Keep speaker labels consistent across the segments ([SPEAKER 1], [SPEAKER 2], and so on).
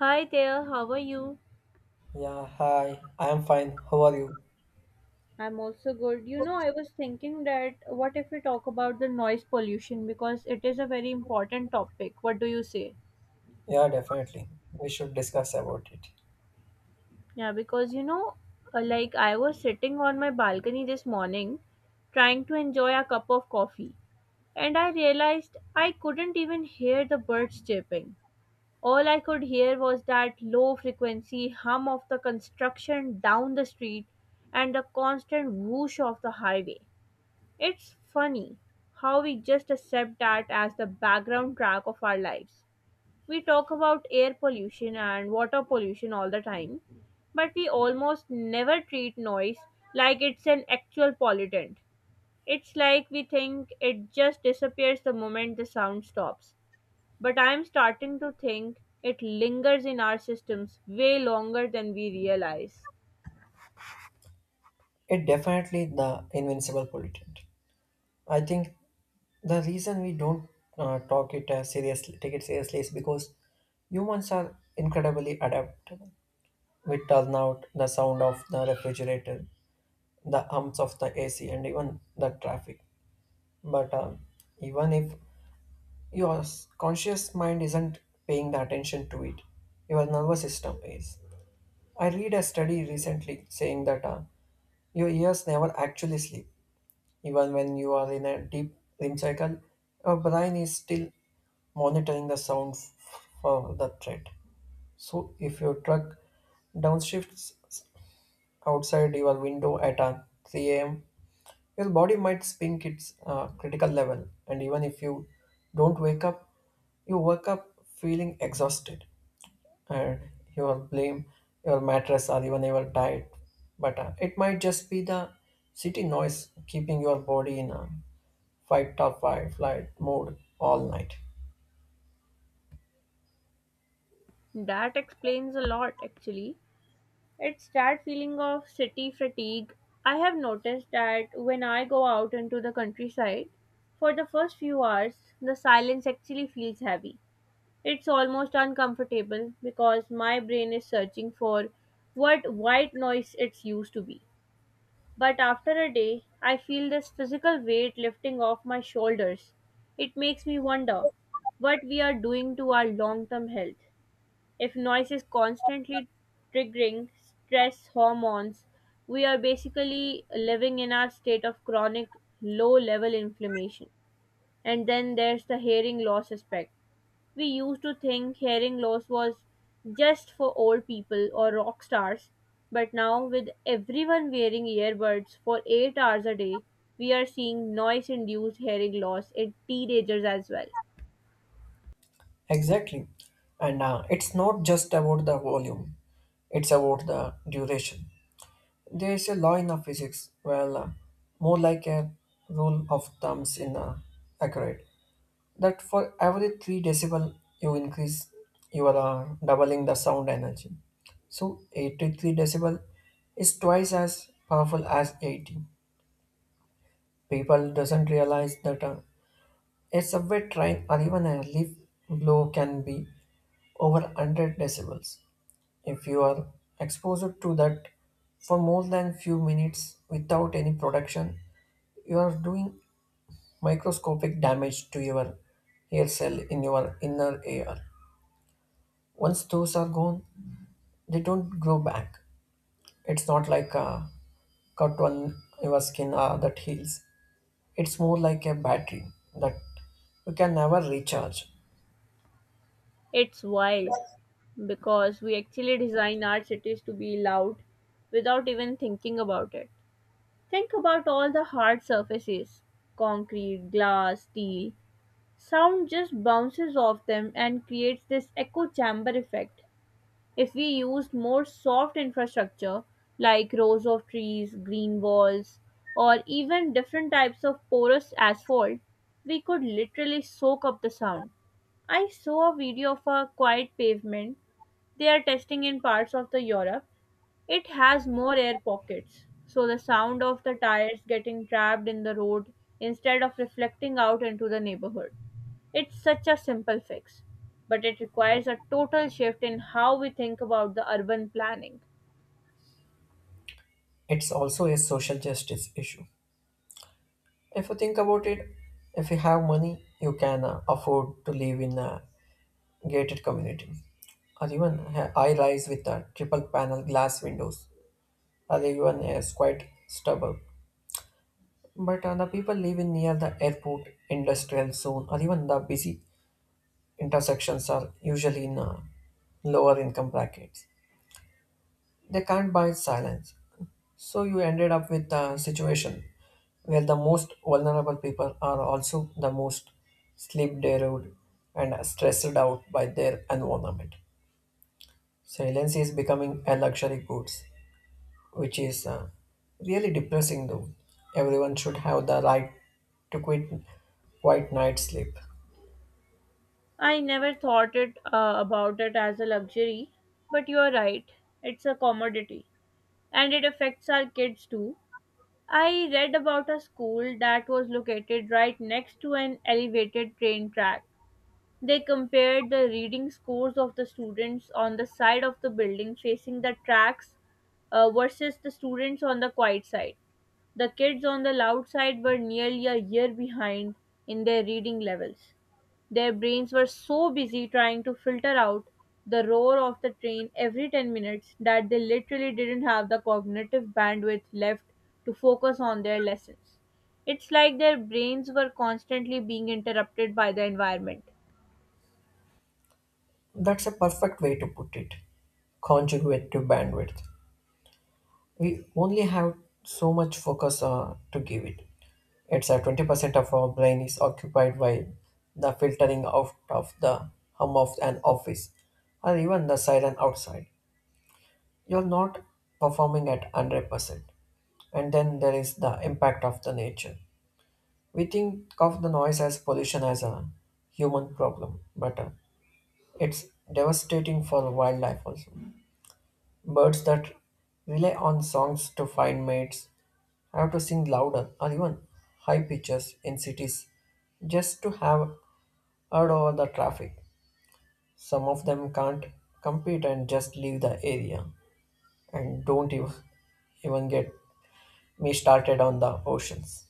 [SPEAKER 1] Hi there, how are you?
[SPEAKER 2] Yeah, hi. I am fine. How are you?
[SPEAKER 1] I'm also good. You know, I was thinking that what if we talk about the noise pollution because it is a very important topic. What do you say?
[SPEAKER 2] Yeah, definitely. We should discuss about it.
[SPEAKER 1] Yeah, because like I was sitting on my balcony this morning trying to enjoy a cup of coffee, and I realized I couldn't even hear the birds chirping. All I could hear was that low frequency hum of the construction down the street and the constant whoosh of the highway. It's funny how we just accept that as the background track of our lives. We talk about air pollution and water pollution all the time, but we almost never treat noise like it's an actual pollutant. It's like we think it just disappears the moment the sound stops. But I'm starting to think it lingers in our systems way longer than we realize.
[SPEAKER 2] It definitely the invincible pollutant. I think the reason we don't talk it seriously, take it seriously, is because humans are incredibly adaptable. We turn out the sound of the refrigerator, the hums of the AC, and even the traffic. But Even if your conscious mind isn't paying the attention to it, your nervous system is. I read a study recently saying that your ears never actually sleep. Even when you are in a deep REM cycle, your brain is still monitoring the sound for the threat. So if your truck downshifts outside your window at 3 a.m., your body might spink its critical level. And even if you don't wake up, you wake up feeling exhausted and you will blame your mattress or even your diet. But It might just be the city noise keeping your body in a fight or flight mode all night.
[SPEAKER 1] That explains a lot, actually. It's that feeling of city fatigue. I have noticed that when I go out into the countryside, for the first few hours, the silence actually feels heavy. It's almost uncomfortable because my brain is searching for what white noise it's used to be. But after a day, I feel this physical weight lifting off my shoulders. It makes me wonder what we are doing to our long term health. If noise is constantly triggering stress hormones, we are basically living in our state of chronic low level inflammation. And then there's the hearing loss aspect. We used to think hearing loss was just for old people or rock stars, but now with everyone wearing earbuds for 8 hours a day, we are seeing noise induced hearing loss in teenagers as well.
[SPEAKER 2] Exactly. And It's not just about the volume, it's about the duration. There is a law in the physics, more like a rule of thumbs in accurate. That for every 3 decibel you increase, you are doubling the sound energy. So 83 decibel is twice as powerful as 80. People doesn't realize that a subway train or even a leaf blow can be over 100 decibels. If you are exposed to that for more than few minutes without any production, you are doing microscopic damage to your hair cell in your inner ear. Once those are gone, they don't grow back. It's not like a cut on your skin that heals. It's more like a battery that you can never recharge.
[SPEAKER 1] It's wild because we actually design our cities to be loud without even thinking about it. Think about all the hard surfaces concrete, glass, steel. Sound just bounces off them and creates this echo chamber effect. If we used more soft infrastructure like rows of trees, green walls, or even different types of porous asphalt, we could literally soak up the sound. I saw a video of a quiet pavement they are testing in parts of the Europe. It has more air pockets, so the sound of the tires getting trapped in the road instead of reflecting out into the neighborhood. It's such a simple fix, but it requires a total shift in how we think about the urban planning.
[SPEAKER 2] It's also a social justice issue. If you think about it, if you have money, you can afford to live in a gated community or even a high rise with a triple panel glass windows, or even a quite stubble. But The people living near the airport, industrial zone, or even the busy intersections are usually in lower income brackets. They can't buy silence. So you ended up with a situation where the most vulnerable people are also the most sleep deprived and stressed out by their environment. Silence is becoming a luxury goods, which is really depressing though. Everyone should have the right to quit quiet night sleep.
[SPEAKER 1] I never thought it about it as a luxury, but you are right. It's a commodity, and it affects our kids too. I read about a school that was located right next to an elevated train track. They compared the reading scores of the students on the side of the building facing the tracks versus the students on the quiet side. The kids on the loud side were nearly a year behind in their reading levels. Their brains were so busy trying to filter out the roar of the train every 10 minutes that they literally didn't have the cognitive bandwidth left to focus on their lessons. It's like their brains were constantly being interrupted by the environment.
[SPEAKER 2] That's a perfect way to put it. Conjugative bandwidth. We only have so much focus to give it. It's 20% of our brain is occupied by the filtering out of the hum of an office or even the siren outside. You're not performing at 100%. And then there is the impact of the nature. We think of the noise as pollution as a human problem, but it's devastating for wildlife also. Birds that rely on songs to find mates I have to sing louder or even high pitches in cities just to have heard all the traffic. Some of them can't compete and just leave the area. And don't even, even get me started on the oceans.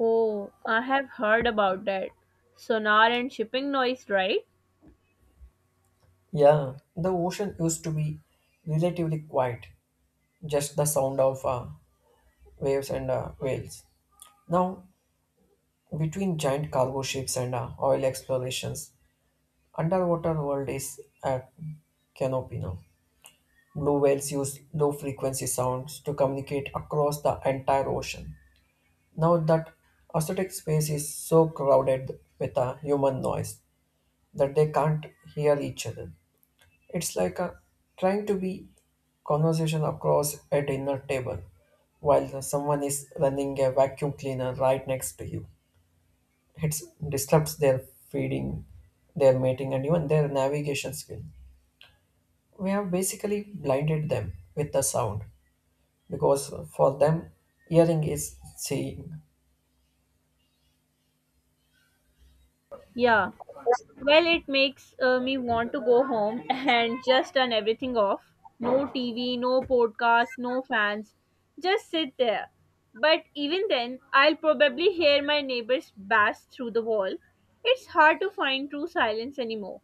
[SPEAKER 1] Oh, I have heard about that. Sonar and shipping noise, right?
[SPEAKER 2] Yeah, the ocean used to be relatively quiet, just the sound of waves and whales. Now, between giant cargo ships and oil explorations, underwater world is at canopy now. Blue whales use low frequency sounds to communicate across the entire ocean. Now that aesthetic space is so crowded with a human noise that they can't hear each other. It's like trying to be conversation across a dinner table while someone is running a vacuum cleaner right next to you. It disrupts their feeding, their mating, and even their navigation skill. We have basically blinded them with the sound because for them, hearing is seeing.
[SPEAKER 1] Yeah. Well, it makes me want to go home and just turn everything off. No TV, no podcast, no fans. Just sit there. But even then, I'll probably hear my neighbors bash through the wall. It's hard to find true silence anymore.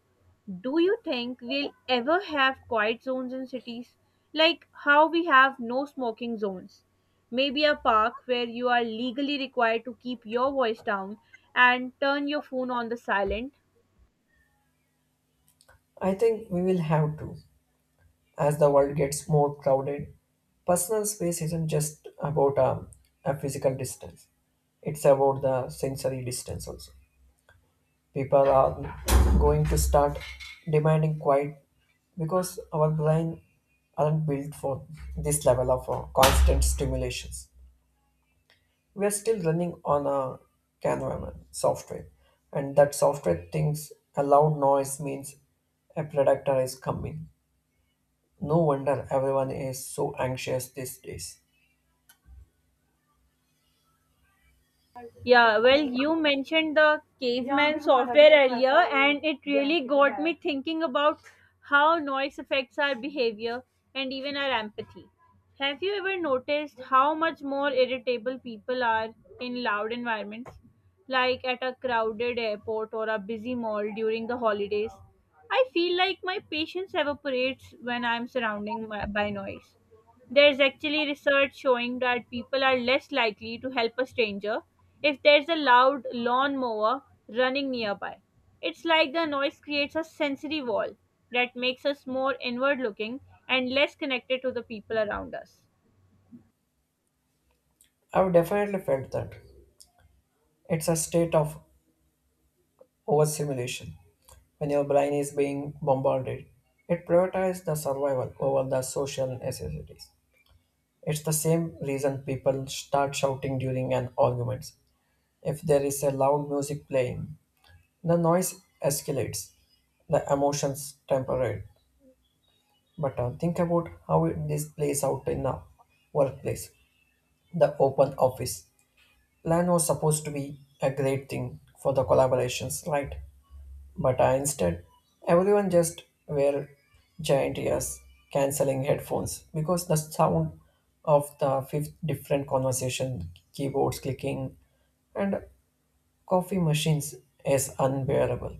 [SPEAKER 1] Do you think we'll ever have quiet zones in cities? Like how we have no smoking zones? Maybe a park where you are legally required to keep your voice down and turn your phone on the silent.
[SPEAKER 2] I think we will have to as the world gets more crowded. Personal space isn't just about a physical distance, it's about the sensory distance also. People are going to start demanding quiet because our brain aren't built for this level of constant stimulations. We're still running on a Canvaman software, and that software thinks a loud noise means a predator is coming. No wonder everyone is so anxious these days.
[SPEAKER 1] Yeah, well, you mentioned the caveman software earlier, and it really got me thinking about how noise affects our behavior and even our empathy. Have you ever noticed how much more irritable people are in loud environments, like at a crowded airport or a busy mall during the holidays? I feel like my patience evaporates when I'm surrounded by noise. There's actually research showing that people are less likely to help a stranger if there's a loud lawnmower running nearby. It's like the noise creates a sensory wall that makes us more inward looking and less connected to the people around us.
[SPEAKER 2] I've definitely felt that. It's a state of overstimulation. When your brain is being bombarded, it prioritizes the survival over the social necessities. It's the same reason people start shouting during an argument. If there is a loud music playing, the noise escalates, the emotions temperate. But Think about how this plays out in a workplace, the open office. Plan was supposed to be a great thing for the collaborations, right? But Instead, everyone just wear giant ears, cancelling headphones because the sound of the fifth different conversation, keyboards clicking, and coffee machines is unbearable.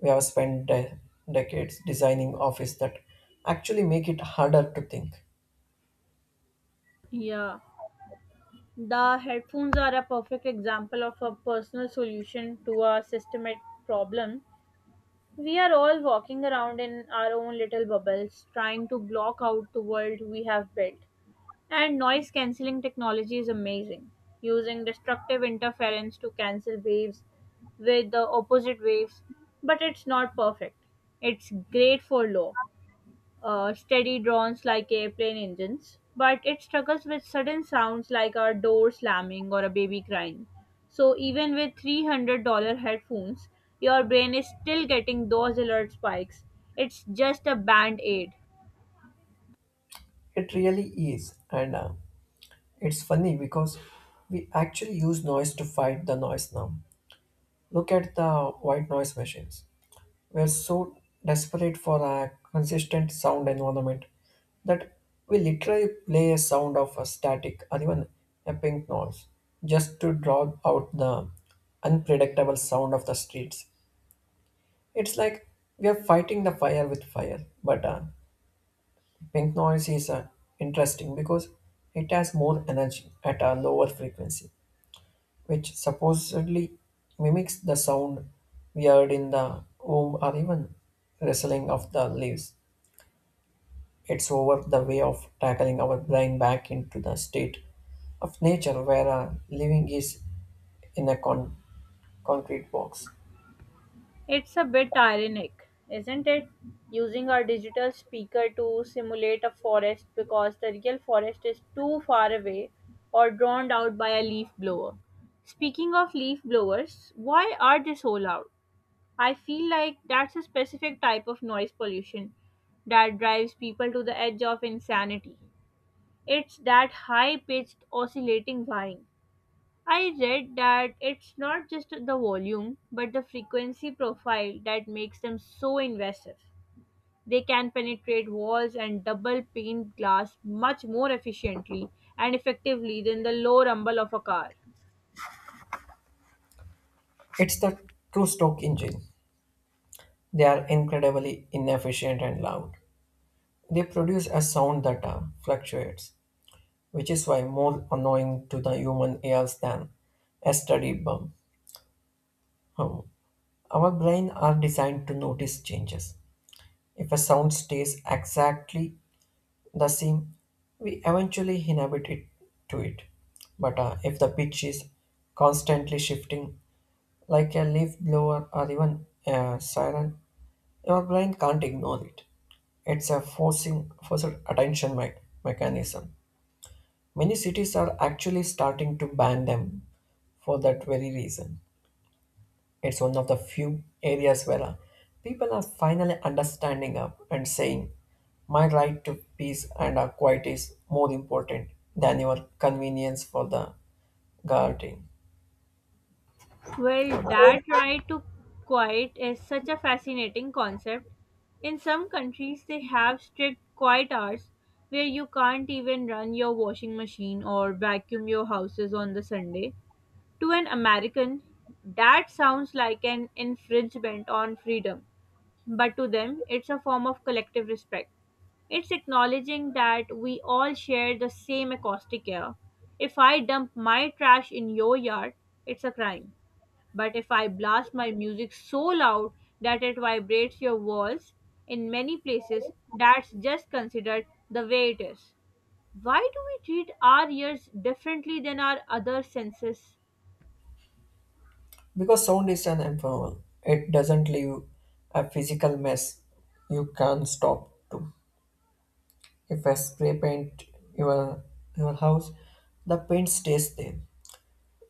[SPEAKER 2] We have spent decades designing office that actually make it harder to think.
[SPEAKER 1] Yeah, the headphones are a perfect example of a personal solution to a systemic problem. We are all walking around in our own little bubbles, trying to block out the world we have built. And noise cancelling technology is amazing, using destructive interference to cancel waves with the opposite waves, but it's not perfect. It's great for law steady drones like airplane engines, but it struggles with sudden sounds like a door slamming or a baby crying. So even with $300 headphones, your brain is still getting those alert spikes. It's just a band aid.
[SPEAKER 2] It really is, and it's funny because we actually use noise to fight the noise now. Look at the white noise machines. We're so desperate for a consistent sound environment that we literally play a sound of a static or even a pink noise just to draw out the unpredictable sound of the streets. It's like we are fighting the fire with fire. But Pink noise is interesting because it has more energy at a lower frequency, which supposedly mimics the sound we heard in the womb or even rustling of the leaves. It's over the way of tackling our brain back into the state of nature where living is in a concrete box.
[SPEAKER 1] It's a bit ironic, isn't it? Using our digital speaker to simulate a forest because the real forest is too far away or drowned out by a leaf blower. Speaking of leaf blowers, why are they so loud? I feel like that's a specific type of noise pollution that drives people to the edge of insanity. It's that high pitched oscillating whine. I read that it's not just the volume but the frequency profile that makes them so invasive. They can penetrate walls and double pane glass much more efficiently and effectively than the low rumble of a car.
[SPEAKER 2] It's the true stock engine. They are incredibly inefficient and loud. They produce a sound that fluctuates, which is why more annoying to the human ears than a steady bum. Hum. Our brain are designed to notice changes. If a sound stays exactly the same, we eventually inhabit it to it. But If the pitch is constantly shifting, like a leaf blower or even a siren, your brain can't ignore it. It's a forcing forced attention mechanism. Many cities are actually starting to ban them for that very reason. It's one of the few areas where people are finally understanding up and saying, my right to peace and quiet is more important than your convenience for the garden.
[SPEAKER 1] Well,
[SPEAKER 2] garden.
[SPEAKER 1] that right to quiet is such a fascinating concept. In some countries, they have strict quiet hours where you can't even run your washing machine or vacuum your houses on the Sunday. To an American, that sounds like an infringement on freedom, but to them, it's a form of collective respect. It's acknowledging that we all share the same acoustic air. If I dump my trash in your yard, it's a crime. But if I blast my music so loud that it vibrates your walls, in many places, that's just considered the way it is. Why do we treat our ears differently than our other senses?
[SPEAKER 2] Because sound is an informal, it doesn't leave a physical mess you can't stop to. If I spray paint your, your house, the paint stays there.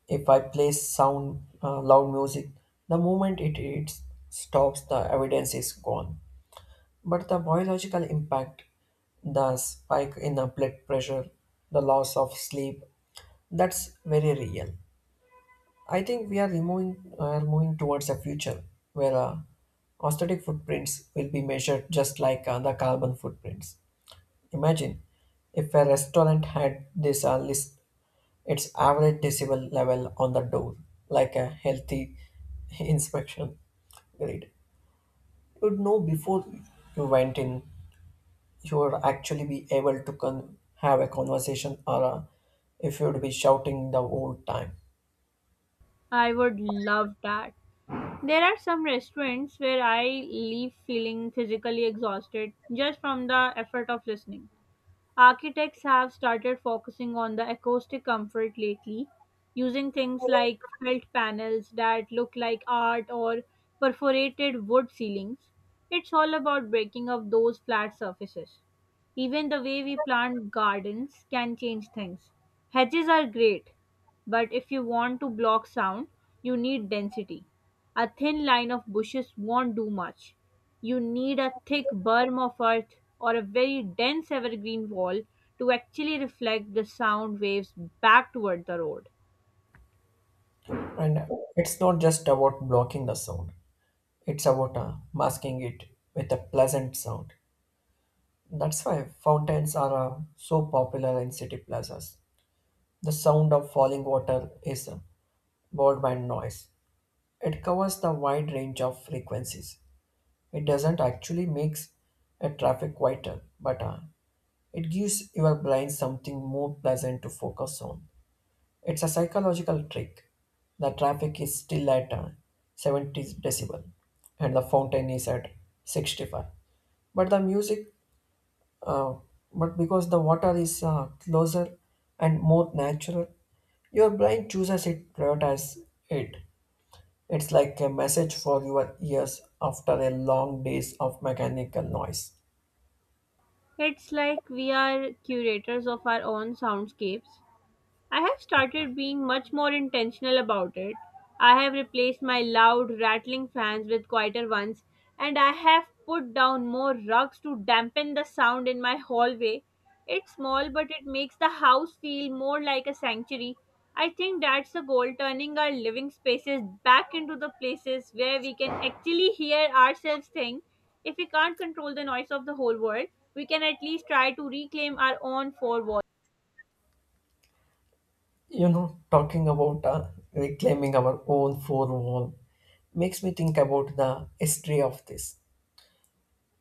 [SPEAKER 2] If I play sound loud music, the moment it stops, the evidence is gone. But the biological impact, the spike in the blood pressure, the loss of sleep, that's very real. I think we are moving towards a future where aesthetic footprints will be measured just like the carbon footprints. Imagine if a restaurant had this list its average decibel level on the door, like a healthy inspection grid. You'd know before you went in, you would actually be able to have a conversation or if you'd be shouting the whole time.
[SPEAKER 1] I would love that. There are some restaurants where I leave feeling physically exhausted just from the effort of listening. Architects have started focusing on the acoustic comfort lately, using things like felt panels that look like art or perforated wood ceilings. It's all about breaking up those flat surfaces. Even the way we plant gardens can change things. Hedges are great, but if you want to block sound, you need density. A thin line of bushes won't do much. You need a thick berm of earth or a very dense evergreen wall to actually reflect the sound waves back toward the road.
[SPEAKER 2] And it's not just about blocking the sound, it's about masking it with a pleasant sound. That's why fountains are so popular in city plazas. The sound of falling water is a worldwide noise. It covers the wide range of frequencies. It doesn't actually makes a traffic quieter, but it gives your brain something more pleasant to focus on. It's a psychological trick. The traffic is still at 70 decibel, and the fountain is at 65. But the music, uh, but because the water is closer and more natural, your brain prioritizes it. It's like a message for your ears after a long days of mechanical noise.
[SPEAKER 1] It's like we are curators of our own soundscapes. I have started being much more intentional about it. I have replaced my loud, rattling fans with quieter ones, and I have put down more rugs to dampen the sound in my hallway. It's small, but it makes the house feel more like a sanctuary. I think that's the goal turning our living spaces back into the places where we can actually hear ourselves think. If we can't control the noise of the whole world, we can at least try to reclaim our own four walls.
[SPEAKER 2] You know, talking about reclaiming our own four wall makes me think about the history of this.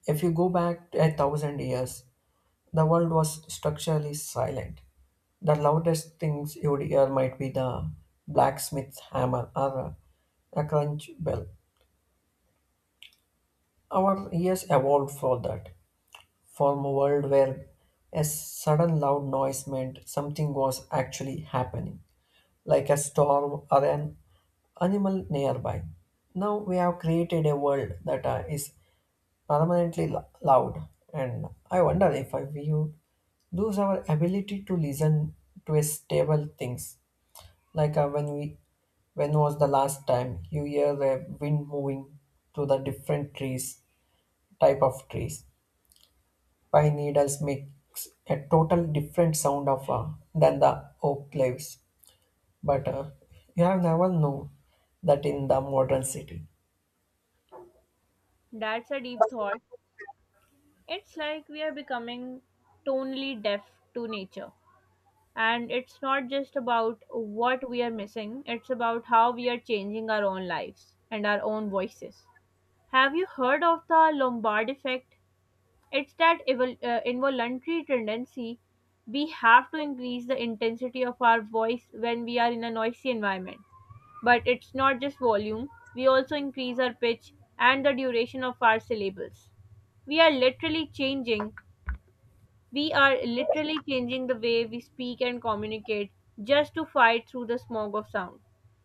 [SPEAKER 2] If you go back 1,000 years, the world was structurally silent. The loudest things you would hear might be the blacksmith's hammer or a crunch bell. Our ears evolved for that. From a world where a sudden loud noise meant something was actually happening, like a storm or an animal nearby. Now we have created a world that is permanently loud, and I wonder if we would lose our ability to listen to a stable things, like when was the last time you hear the wind moving to the different trees, type of trees? Pine needles makes a total different sound of than the oak leaves, but you have never known that in the modern city.
[SPEAKER 1] That's a deep thought. It's like we are becoming tonally deaf to nature. And it's not just about what we are missing, it's about how we are changing our own lives and our own voices. Have you heard of the Lombard effect? It's that involuntary tendency we have to increase the intensity of our voice when we are in a noisy environment. But it's not just volume, we also increase our pitch and the duration of our syllables we are literally changing we are literally changing the way we speak and communicate just to fight through the smog of sound.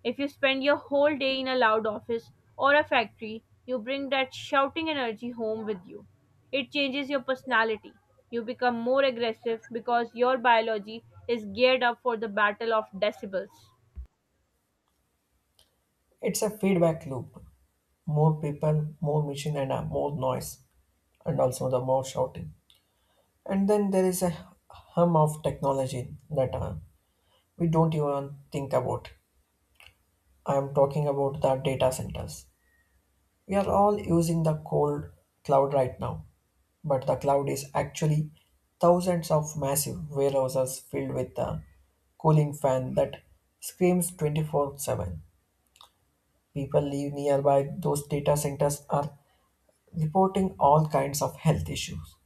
[SPEAKER 1] If you spend your whole day in a loud office or a factory, you bring that shouting energy home with you. It changes your personality. You become more aggressive because your biology is geared up for the battle of decibels.
[SPEAKER 2] It's a feedback loop. More people, more machine, and more noise, and also the more shouting. And then there is a hum of technology that we don't even think about. I am talking about the data centers. We are all using the cold cloud right now, but the cloud is actually thousands of massive warehouses filled with a cooling fan that screams 24/7. People live nearby those data centers are reporting all kinds of health issues.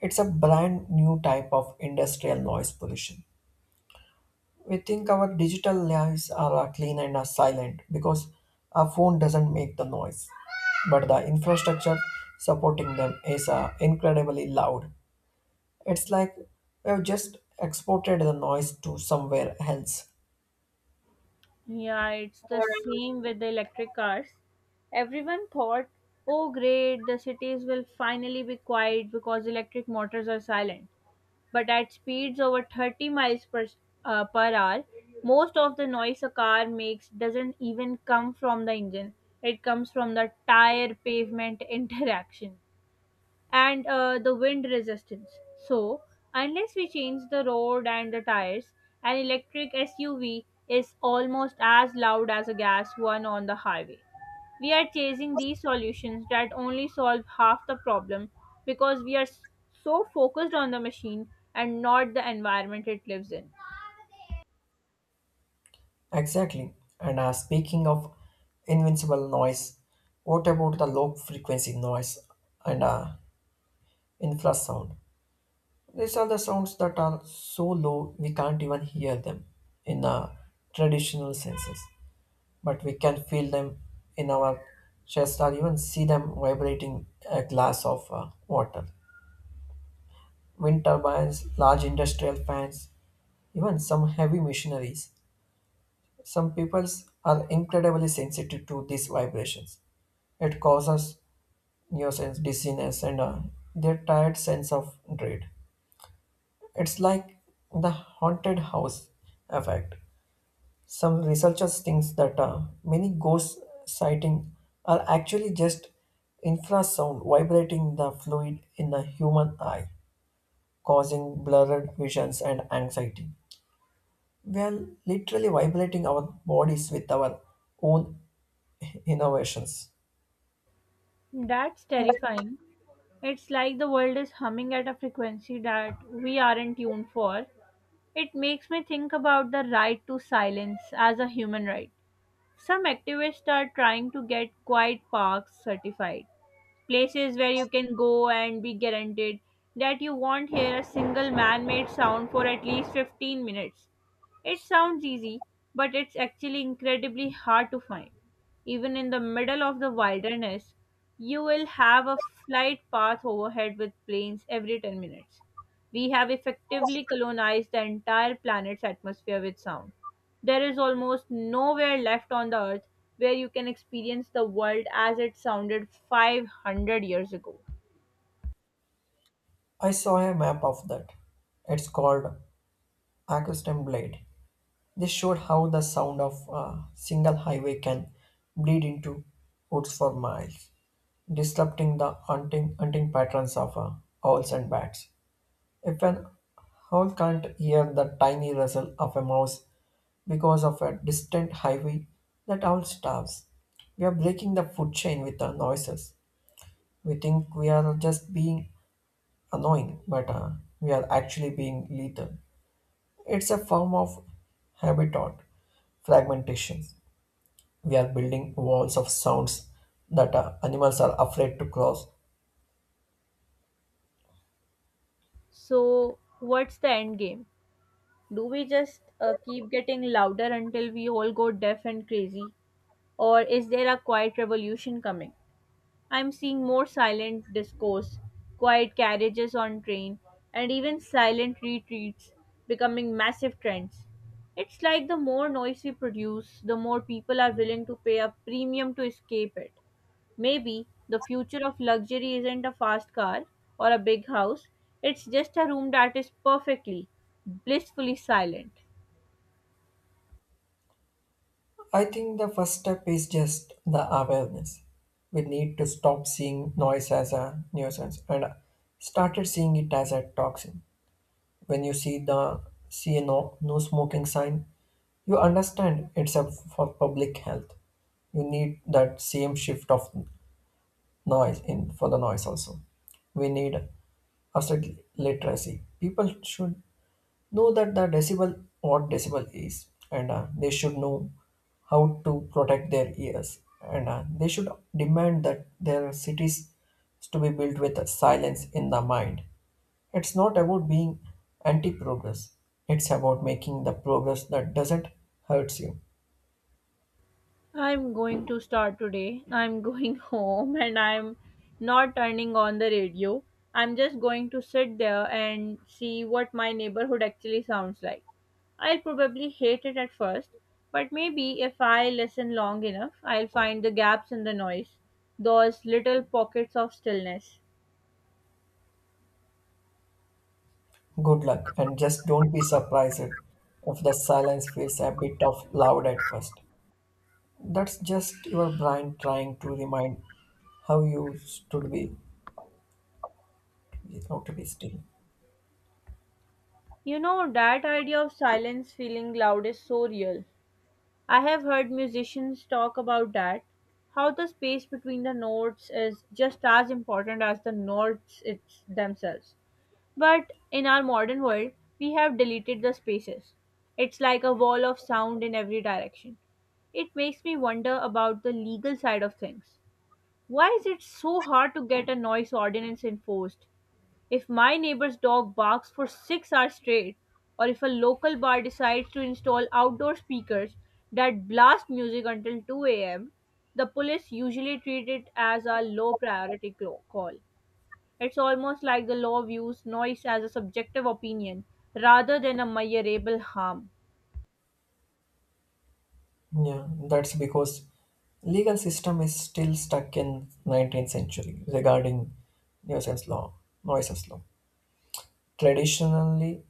[SPEAKER 2] It's a brand new type of industrial noise pollution. We think our digital lives are clean and are silent because our phone doesn't make the noise, but the infrastructure supporting them is incredibly loud. It's like we've just exported the noise to somewhere else.
[SPEAKER 1] Yeah, it's the same with the electric cars. Everyone thought, oh great, the cities will finally be quiet because electric motors are silent. But at speeds over 30 miles per hour, most of the noise a car makes doesn't even come from the engine. It comes from the tire pavement interaction and the wind resistance. So, unless we change the road and the tires, an electric SUV is almost as loud as a gas one on the highway. We are chasing these solutions that only solve half the problem because we are so focused on the machine and not the environment it lives in.
[SPEAKER 2] Exactly. And speaking of invincible noise, what about the low frequency noise and infrasound? These are the sounds that are so low we can't even hear them in traditional senses, but we can feel them in our chest, or even see them vibrating a glass of water. Wind turbines, large industrial fans, even some heavy machineries. Some peoples are incredibly sensitive to these vibrations. It causes nuisance, dizziness, and their tired sense of dread. It's like the haunted house effect. Some researchers think that many ghost sightings are actually just infrasound vibrating the fluid in the human eye, causing blurred visions and anxiety. We are literally vibrating our bodies with our own innovations.
[SPEAKER 1] That's terrifying. It's like the world is humming at a frequency that we aren't tuned for. It makes me think about the right to silence as a human right. Some activists are trying to get quiet parks certified, places where you can go and be guaranteed that you won't hear a single man made sound for at least 15 minutes. It sounds easy, but it's actually incredibly hard to find. Even in the middle of the wilderness, you will have a flight path overhead with planes every 10 minutes. We have effectively colonized the entire planet's atmosphere with sound. There is almost nowhere left on the earth where you can experience the world as it sounded 500 years ago.
[SPEAKER 2] I saw a map of that. It's called Acoustic Blade. This showed how the sound of a single highway can bleed into woods for miles, disrupting the hunting patterns of owls and bats. If an owl can't hear the tiny rustle of a mouse because of a distant highway, that owl starves. We are breaking the food chain with our noises. We think we are just being annoying, but we are actually being lethal. It's a form of habitat fragmentation. We are building walls of sounds that animals are afraid to cross.
[SPEAKER 1] So, what's the end game? Do we just keep getting louder until we all go deaf and crazy? Or is there a quiet revolution coming? I'm seeing more silent discourse, quiet carriages on train, and even silent retreats becoming massive trends. It's like the more noise we produce, the more people are willing to pay a premium to escape it. Maybe the future of luxury isn't a fast car or a big house, it's just a room that is perfectly, blissfully silent.
[SPEAKER 2] I think the first step is just the awareness. We need to stop seeing noise as a nuisance and started seeing it as a toxin. When you see the see a no smoking sign, you understand it's a for public health. You need that same shift of noise in for the noise also. We need asset literacy. People should know that the decibel what decibel is and they should know how to protect their ears, and they should demand that their cities to be built with silence in the mind. It's not about being anti progress, it's about making the progress that doesn't hurts you.
[SPEAKER 1] I'm going to start today. I'm going home and I'm not turning on the radio. I'm just going to sit there and see what my neighborhood actually sounds like. I'll probably hate it at first, but maybe if I listen long enough, I'll find the gaps in the noise, those little pockets of stillness.
[SPEAKER 2] Good luck, and just don't be surprised if the silence feels a bit of loud at first. That's just your brain trying to remind how you should be without to be still.
[SPEAKER 1] You know, that idea of silence feeling loud is so real. I have heard musicians talk about that, how the space between the notes is just as important as the notes it's themselves. But in our modern world, we have deleted the spaces. It's like a wall of sound in every direction. It makes me wonder about the legal side of things. Why is it so hard to get a noise ordinance enforced? If my neighbor's dog barks for 6 hours straight, or if a local bar decides to install outdoor speakers that blast music until 2 a.m., the police usually treat it as a low priority call. It's almost like the law views noise as a subjective opinion rather than a measurable harm.
[SPEAKER 2] Yeah, that's because legal system is still stuck in 19th century regarding nuisance law, nuisance law. Traditionally,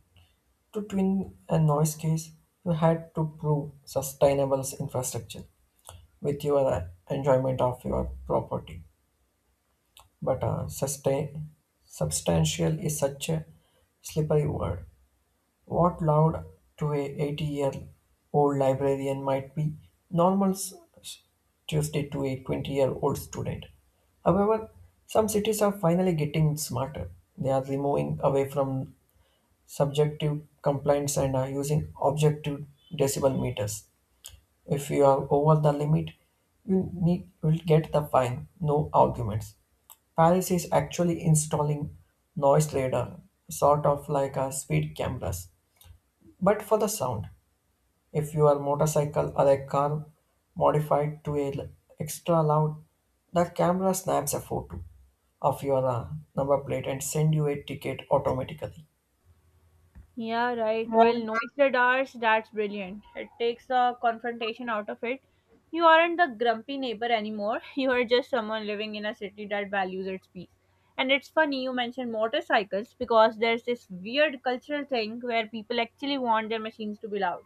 [SPEAKER 2] to win a noise case, you had to prove sustainable infrastructure with your enjoyment of your property. But uh, sustain, substantial is such a slippery word. What loud to a 80-year-old librarian might be normal s- Tuesday to a 20-year-old student. However, some cities are finally getting smarter. They are removing away from subjective complaints and are using objective decibel meters. If you are over the limit, you need will get the fine. No arguments. Paris is actually installing noise radar, sort of like a speed cameras but for the sound. If your motorcycle or a car modified to a l- extra loud, the camera snaps a photo of your number plate and send you a ticket automatically.
[SPEAKER 1] Yeah, right. Well, noise ours, that's brilliant. It takes the confrontation out of it. You aren't the grumpy neighbor anymore. You are just someone living in a city that values its peace. And it's funny you mentioned motorcycles because there's this weird cultural thing where people actually want their machines to be loud.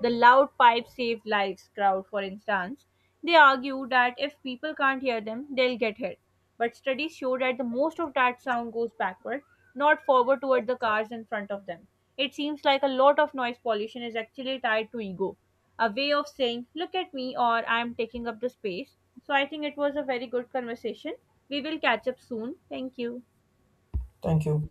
[SPEAKER 1] The loud pipe saved lives crowd, for instance. They argue that if people can't hear them, they'll get hit but studies show that the most of that sound goes backward, not forward toward the cars in front of them. It seems like a lot of noise pollution is actually tied to ego, a way of saying, look at me or I'm taking up the space. So I think it was a very good conversation. We will catch up soon. Thank you.
[SPEAKER 2] Thank you.